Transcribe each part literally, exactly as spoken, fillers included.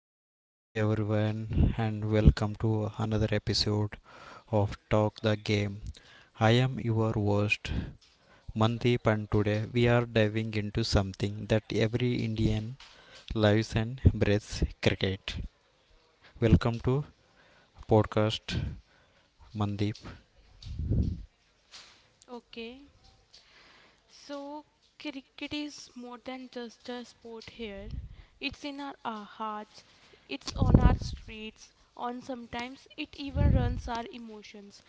Hi, hello everyone, and welcome to another episode of Talk the Game. I am your host Mandeep, and today we are diving into something that every Indian lives and breathes cricket. Welcome to podcast Mandeep. Okay, so cricket is more than just a sport here. It's in our, our hearts, it's on our streets, on sometimes it even runs our emotions.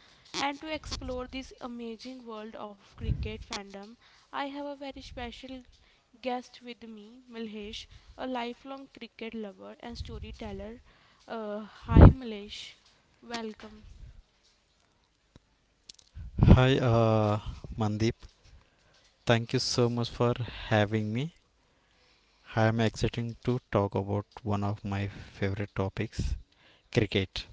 And to explore this amazing world of cricket fandom, I have a very special guest with me, Milhesh, a lifelong cricket lover and storyteller. Uh, hi, Milhesh. Welcome. Hi, uh, Mandeep. Thank you so much for having me. I am excited to talk about one of my favorite topics, cricket.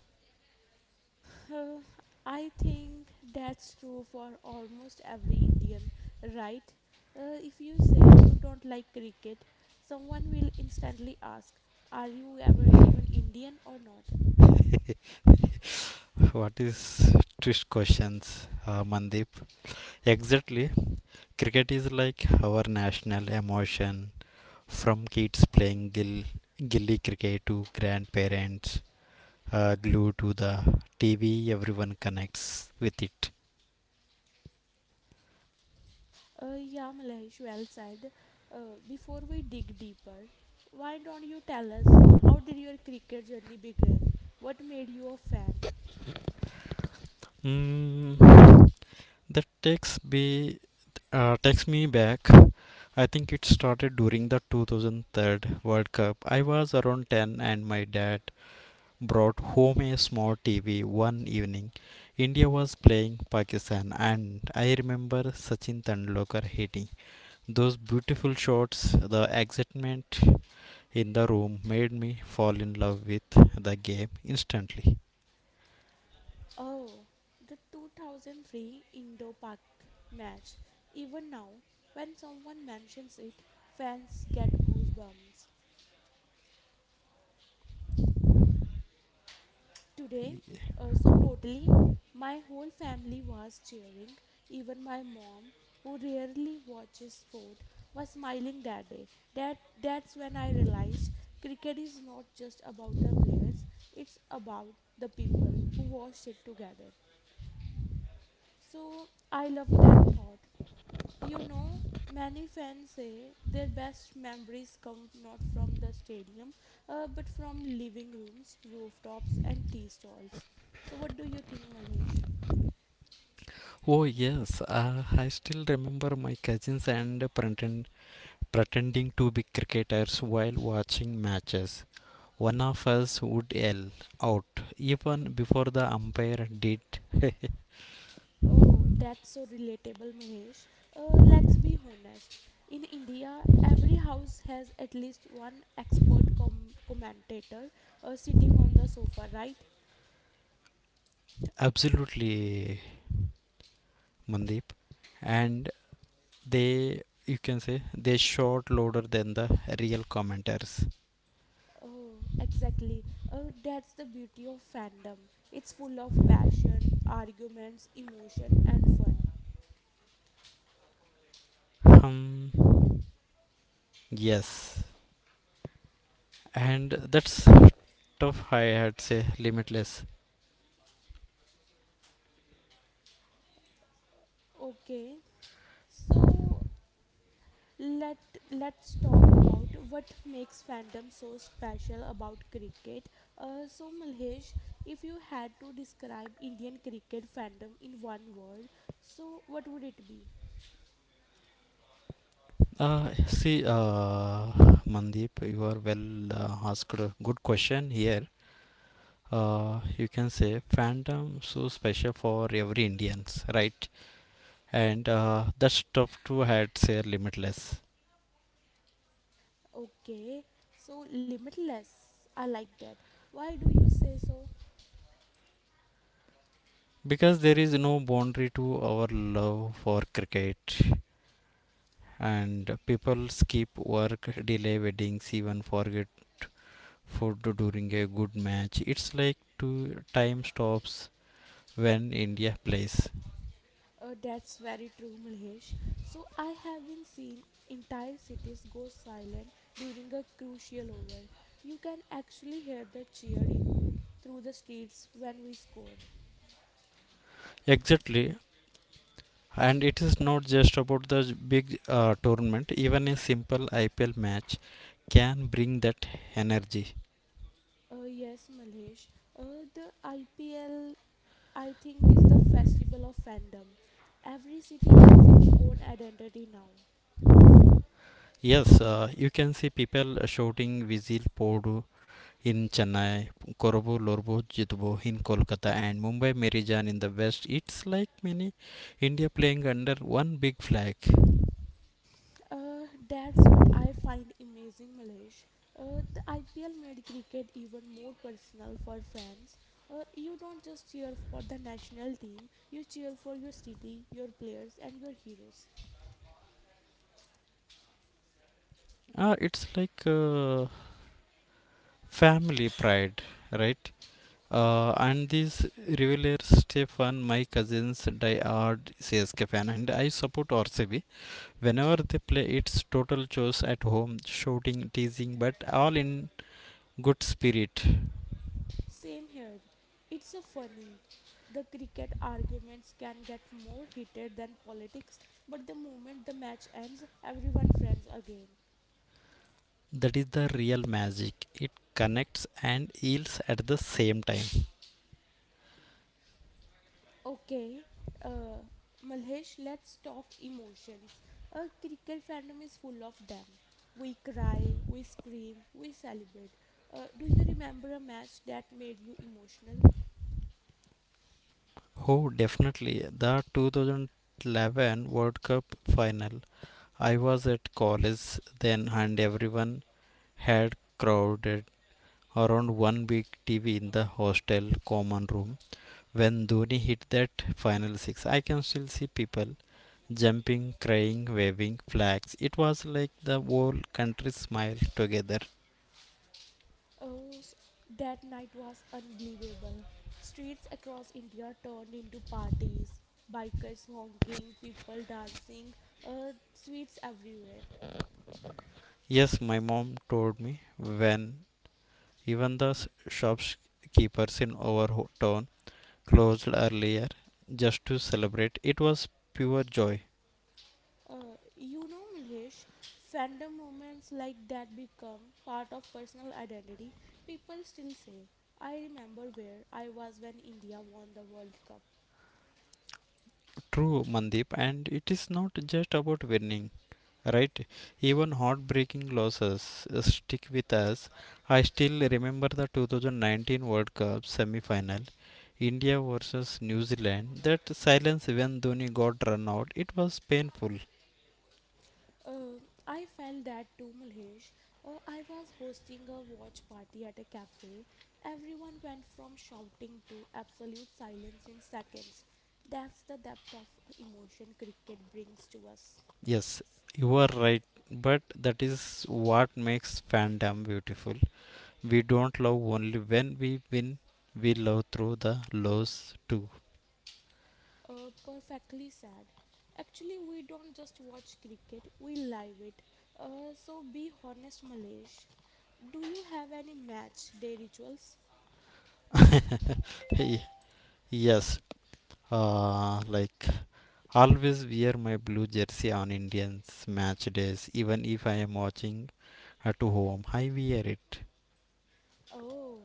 Uh, I think that's true for almost every Indian, right? Uh, if you say you don't like cricket, someone will instantly ask, are you ever even Indian or not? What is twist questions, uh, Mandeep? Exactly. Cricket is like our national emotion from kids playing gill, gilly cricket to grandparents uh, glued to the T V. Everyone connects with it. Uh, yeah, Malahesh, well said. Uh, before we dig deeper, why don't you tell us how did your cricket journey begin? What made you a fan? Mm, that takes me uh, takes me back. I think it started during the two thousand three World Cup. I was around ten and my dad brought home a small T V one evening. India was playing Pakistan, and I remember Sachin Tendulkar hitting those beautiful shots. The excitement in the room made me fall in love with the game instantly. Oh, the two thousand three Indo Pak match. Even now, when someone mentions it, fans get goosebumps. Uh, today, uh, so totally, my whole family was cheering. Even my mom, who rarely watches sport, was smiling that day. That that's when I realized cricket is not just about the players; it's about the people who watched it together. So I love that thought. You know, many fans say their best memories come not from the stadium, uh, but from living rooms, rooftops, and tea stalls. So, what do you think, Malhesh? Oh, yes, uh, I still remember my cousins and pretend, pretending to be cricketers while watching matches. One of us would yell out even before the umpire did Oh, that's so relatable, Malhesh. Uh, let's be honest. In India, every house has at least one expert com- commentator uh, sitting on the sofa, right? absolutely Mandeep, and they you can say they short louder than the real commenters. Oh, exactly. Oh, that's the beauty of fandom. It's full of passion, arguments, emotion, and fun. Um, yes, and that's tough. I had say limitless. Okay, so let let's talk about what makes fandom so special about cricket. Uh, so Malhesh, if you had to describe Indian cricket fandom in one word, so what would it be? Uh, see, uh, Mandeep, you are well uh, asked a good question here. Uh, you can say fandom so special for every Indians, right? And uh, that's tough to had say limitless. Okay, so limitless. I like that. Why do you say so? Because there is no boundary to our love for cricket, and people skip work, delay weddings, even forget food during a good match. It's like to time stops when India plays. Uh, that's very true, Malhesh. So I have been seen entire cities go silent during a crucial over. You can actually hear the cheer echo through the streets when we score. Exactly, and it is not just about the j- big uh, tournament. Even a simple I P L match can bring that energy. Uh, yes, Malhesh. Uh, the I P L, I think, is the festival of fandom. Every city has its own identity now. Yes, uh, you can see people shouting Vizil Podu in Chennai, Korobu Lorbu Jitbo in Kolkata, and Mumbai Merijan in the west. It's like many India playing under one big flag. Uh, that's what I find amazing, Malesh. Uh, the I P L made cricket even more personal for fans. Uh, you don't just cheer for the national team, you cheer for your city, your players, and your heroes. Uh, it's like uh, family pride, right? Uh, and these revelers, Stefan, my cousins, die hard C S K fan, and I support R C B. Whenever they play, it's total chaos at home, shouting, teasing, but all in good spirit. Same here. It's a funny. The cricket arguments can get more heated than politics, but the moment the match ends, everyone friends again. That is the real magic. It connects and heals at the same time. Okay, uh, Malhesh, let's talk emotions. A cricket fandom is full of them. We cry, we scream, we celebrate. Uh, do you remember a match that made you emotional? Oh, definitely. The twenty eleven World Cup final. I was at college then, and everyone had crowded around one big T V in the hostel common room. When Dhoni hit that final six, I can still see people jumping, crying, waving flags. It was like the whole country smiled together. Oh, s- that night was unbelievable. Streets across India turned into parties, bikers honking, people dancing, uh, sweets everywhere. Yes, my mom told me when even the s- shopkeepers in our town closed earlier just to celebrate. It was pure joy. Uh, you know, Mlesh, fandom moments like that become part of personal identity. People still say, I remember where I was when India won the World Cup. True, Mandeep, and it is not just about winning, right? Even heartbreaking losses uh, stick with us. I still remember the two thousand nineteen World Cup semi final. India versus New Zealand. That silence when Dhoni got run out, it was painful. Uh, I felt that too, Mlesh. Uh, I was hosting a watch party at a cafe. Everyone went from shouting to absolute silence in seconds. That's the depth of emotion cricket brings to us. Yes, you are right, but that is what makes fandom beautiful. We don't love only when we win, we love through the lows too. Uh, perfectly said. Actually, we don't just watch cricket, we live it. Uh, so be honest, Malesh. Do you have any match day rituals? Ye- yes, uh, like always wear my blue jersey on Indians match days, even if I am watching at home. I wear it. Oh,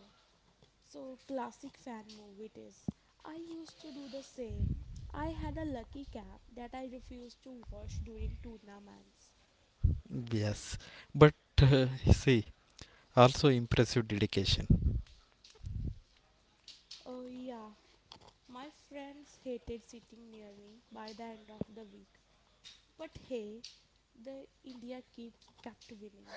so classic fan move it is. I used to do the same. I had a lucky cap that I refused to wash during tournaments. Yes, but uh, see, also impressive dedication. Oh, yeah, my friends hated sitting near me by the end of the week. But hey, the India keeps kept winning.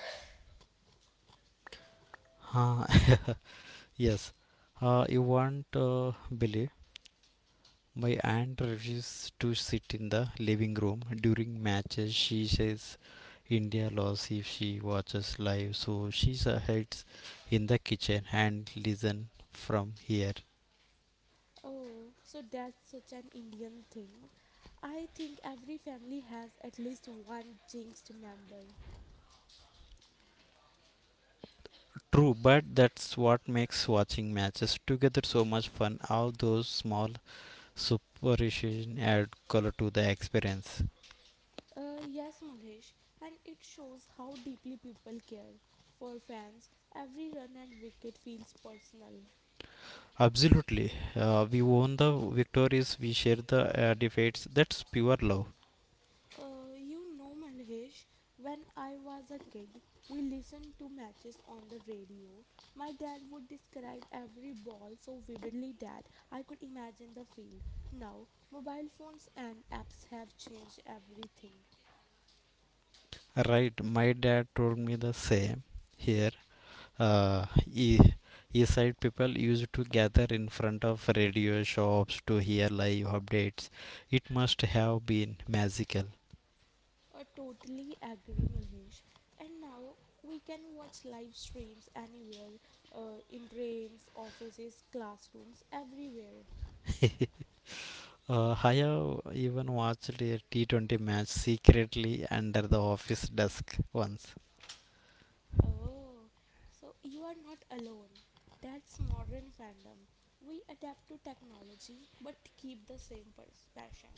Ah, yes, uh, you won't uh, believe. My aunt refuses to sit in the living room during matches. She says India lost if she watches live, so she s- hides in the kitchen and listen from here. Oh, so that's such an Indian thing. I think every family has at least one jinxed member. True, but that's what makes watching matches together so much fun. All those small superstitions add color to the experience. Uh, yes, Malesh, and it shows how deeply people care. For fans, every run and wicket feels personal. Absolutely, uh, we own the victories, we share the uh, defeats. That's pure love. Uh, you know, Malhesh, when I was a kid, we listened to matches on the radio. My dad would describe every ball so vividly that I could imagine the field. Now, mobile phones and apps have changed everything. Right, my dad told me the same. Here, uh, e- east side people used to gather in front of radio shops to hear live updates. It must have been magical. I totally agree, Malhesh. And now we can watch live streams anywhere uh, in trains, offices, classrooms, everywhere. Uh, I have even watched a T twenty match secretly under the office desk once. Oh, so you are not alone. That's modern fandom. We adapt to technology but keep the same pers- passion.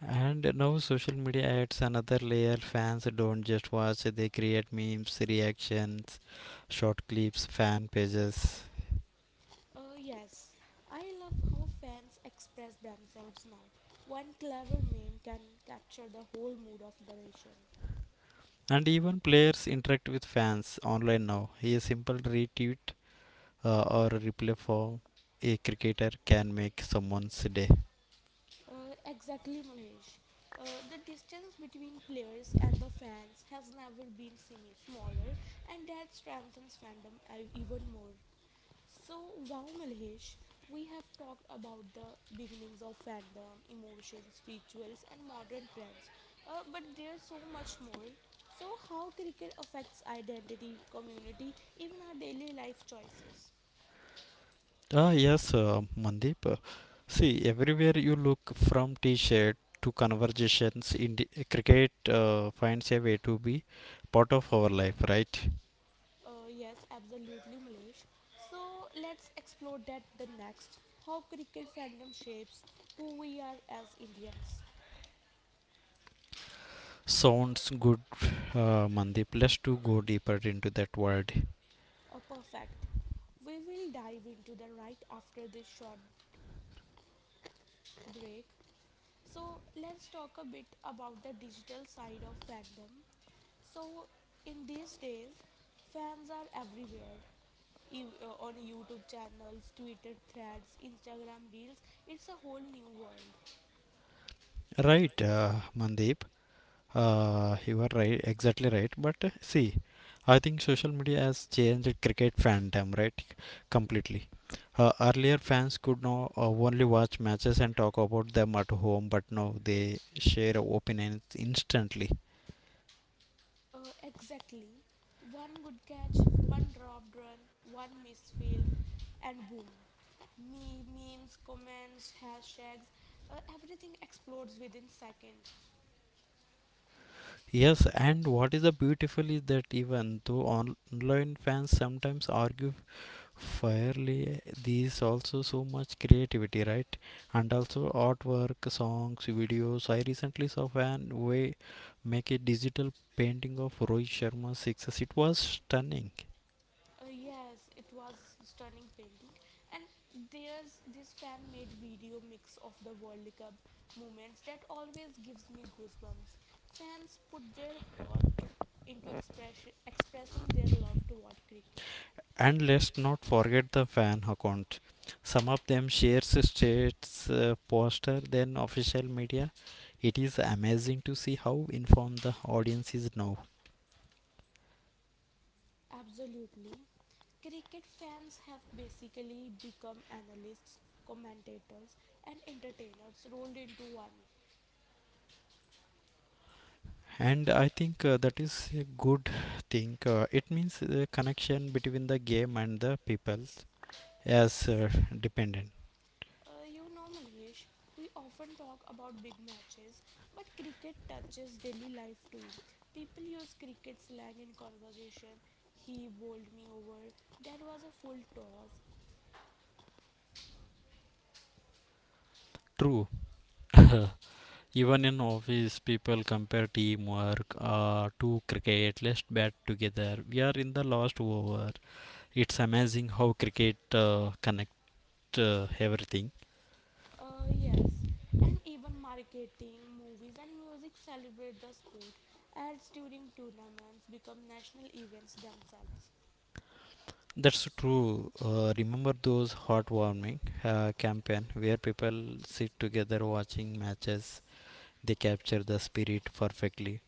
And now social media adds another layer. Fans don't just watch, they create memes, reactions, short clips, fan pages. Uh, yes, I love how fans express themselves now. One clever meme can capture the whole mood of the nation. And even players interact with fans online now. A simple retweet uh, or replay for a cricketer can make someone's day. Uh, exactly, Mahesh. Uh, the distance between players and the fans has never been simi- smaller, and that strengthens fandom uh, even more. So, wow, Malhesh, we have talked about the beginnings of fandom, emotions, rituals, and modern trends. Uh, but there's so much more. So, how cricket affects identity, community, even our daily life choices? Ah, yes, uh, Mandeep. Uh, See, everywhere you look from t shirt to conversations, in cricket uh, finds a way to be part of our life, right? Uh, yes, absolutely, Malhesh. So, let's explore that the next. How cricket fandom shapes who we are as Indians. Sounds good, uh, Mandeep. Let's to go deeper into that world. Uh, perfect. We will dive into the right after this short break. So let's talk a bit about the digital side of fandom. So in these days, fans are everywhere. Ev- uh, on YouTube channels, Twitter threads, Instagram reels, it's a whole new world. Right, uh, Mandeep. Uh, you are right, exactly right. But uh, see, I think social media has changed cricket fandom, right? Completely. Uh, earlier, fans could now uh, only watch matches and talk about them at home, but now they share opinions instantly. Uh, exactly. One good catch, one dropped run, one missed field, and boom. Me- memes, comments, hashtags, uh, everything explodes within seconds. Yes, and what is the beautiful is that even though online fans sometimes argue fairly, these also so much creativity, right? And also artwork, songs, videos. I recently saw van way make a digital painting of Rohit Sharma's success. It was stunning. Uh, yes, it was stunning painting, and there's this fan-made video mix of the World Cup moments that always gives me goosebumps. Fans put their heart to, into express, expressing their love toward cricket. And let's not forget the fan account. Some of them shares states uh, poster than official media. It is amazing to see how informed the audience is now. Absolutely, cricket fans have basically become analysts, commentators, and entertainers rolled into one. And I think uh, that is a good thing. uh, it means the connection between the game and the people as uh, dependent. Uh, you know, Malesh, we often talk about big matches, but cricket touches daily life too. People use cricket slang in conversation. He bowled me over. That was a full toss. True, even in office people compare teamwork uh, to cricket. Let's bat together, we are in the last over. It's amazing how cricket uh, connect uh, everything. Uh, yes. And even marketing, movies, and music celebrate the sport. Ads during tournaments become national events themselves. That's true. Uh, remember those heartwarming uh, campaign where people sit together watching matches. They capture the spirit perfectly.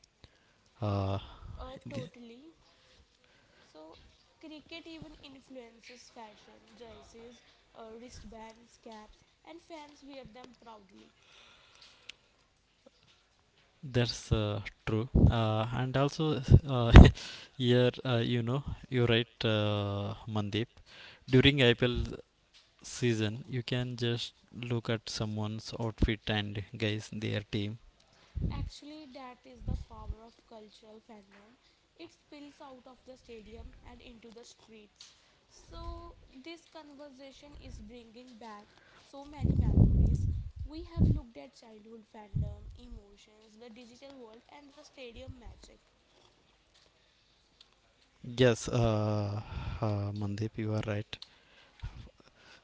Uh, Uh, totally. So, cricket even influences fashion. Jerseys, uh, wristbands, caps, and fans wear them proudly. that's uh, true. Uh, and also uh, here uh, you know you're right, uh, Mandeep. During I P L season, you can just look at someone's outfit and guys their team. Actually, that is the power of cultural fandom. It spills out of the stadium and into the streets. So, this conversation is bringing back so many memories. We have looked at childhood fandom, emotions, the digital world, and the stadium magic. Yes, uh, uh, Mandeep, you are right.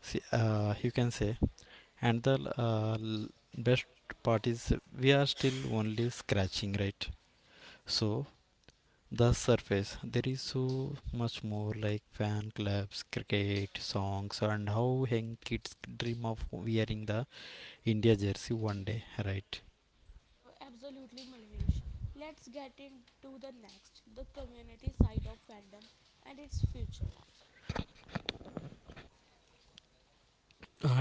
See, uh, you can say and the uh, l- best part is we are still only scratching, right? So the surface, there is so much more like fan clubs, cricket songs, and how young kids dream of wearing the India jersey one day, right? Uh, absolutely, Malhesh. Let's get into the next, the community side of fandom and its future.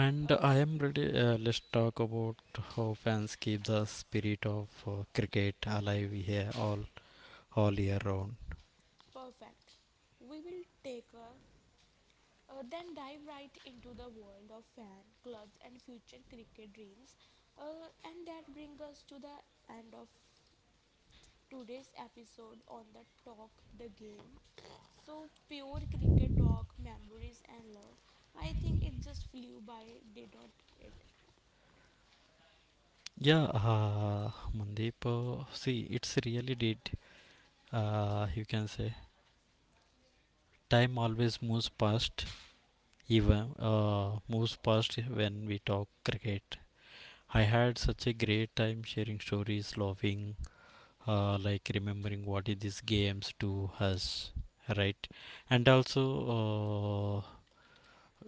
And Uh, I am ready. Uh, let's talk about how fans keep the spirit of uh, cricket alive here all all year round. perfect. We will take a uh, then dive right into the world of fan clubs and future cricket dreams. Uh, and that brings us to the end of today's episode on the Talk the Game. So pure cricket talk, memories and love. I think it just flew by, did not it? Yeah, uh, Mandeep, uh, see, it's really did. Uh, you can say time always moves past, even uh, moves past when we talk cricket. I had such a great time sharing stories, laughing, uh, like remembering what is these games do us, right? And also, uh,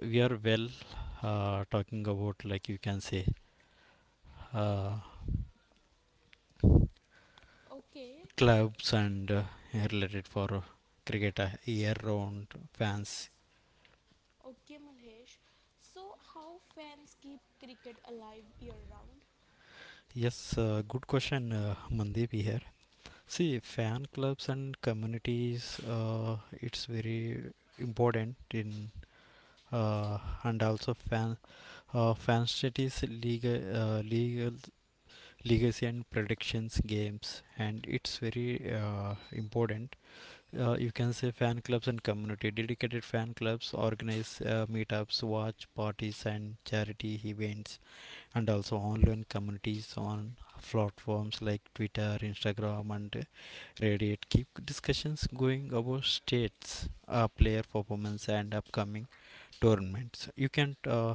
we are well uh, talking about like you can say uh, Okay, clubs and uh, related for cricket uh, year-round fans. Okay, Malhesh. So, how fans keep cricket alive year round? Yes, uh, good question, uh, Mandeep here. See, fan clubs and communities, uh, it's very important in uh, and also fan uh, fan studies legal uh, legal legacy and predictions games, and it's very uh, important. uh, you can say fan clubs and community, dedicated fan clubs organize uh, meetups, watch parties, and charity events. And also online communities on platforms like Twitter, Instagram, and Reddit keep discussions going about states, uh, player performance, and upcoming tournaments. You can uh,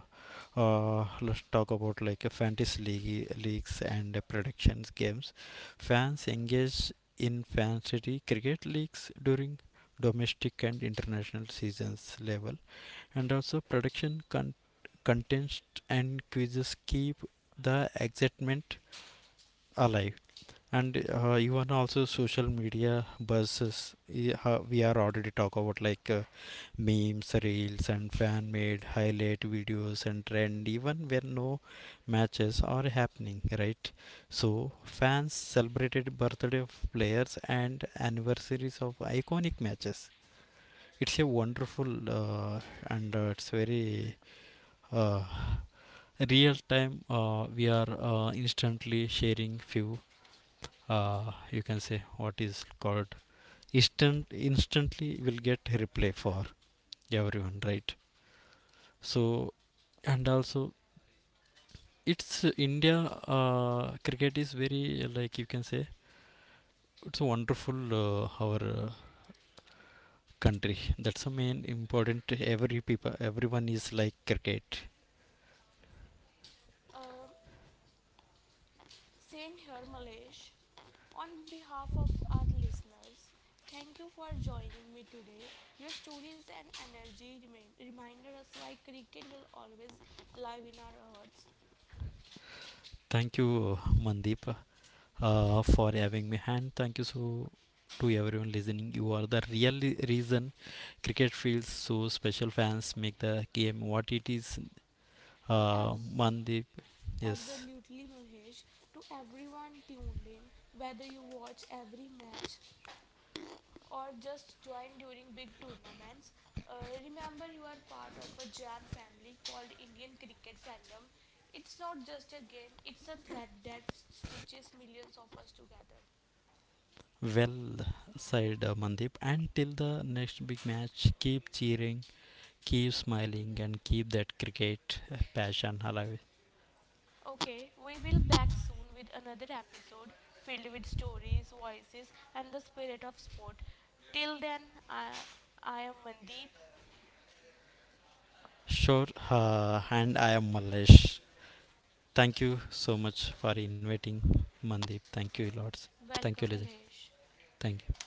uh, let's talk about like a fantasy league, leagues and uh, predictions games. Fans engage in fantasy cricket leagues during domestic and international seasons level. And also production con- contests and quizzes keep the excitement alive. And uh, even also social media buzzes, i- ho- we are already talk about like uh, memes, reels, and fan made highlight videos and trend even when no matches are happening, right? So fans celebrated birthday of players and anniversaries of iconic matches. It's a wonderful uh, and uh, it's very uh, real time. Uh, we are uh, instantly sharing few. Uh, you can say what is called instant instantly will get replay for everyone, right? So, and also, it's uh, India, uh, cricket is very uh, like you can say it's a wonderful, uh, our uh, country. That's a main important, every people everyone is like cricket. Um, same here, Malhesh. On behalf of our listeners, thank you for joining me today. Your stories and energy remain, reminded us why cricket will always live in our hearts. Thank you, uh, Mandeep, uh, for having me. And thank you so to everyone listening, you are the real reason cricket feels so special. Fans make the game what it is. Uh, uh, abs- Mandeep, yes. Absolutely, Malhesh. To everyone tuned in, whether you watch every match or just join during big tournaments. Uh, remember, you are part of a giant family called Indian cricket fandom. It's not just a game, it's a thread that stitches millions of us together. Well said, uh, Mandeep, and till the next big match, keep cheering, keep smiling, and keep that cricket passion alive. Okay, we will back soon with another episode filled with stories, voices, and the spirit of sport. Till then, I, I am Mandeep. Sure, uh, and I am Malesh. Thank you so much for inviting, Mandeep. Thank you lots. Thank you, Welcome, listen. Alesh. Thank you.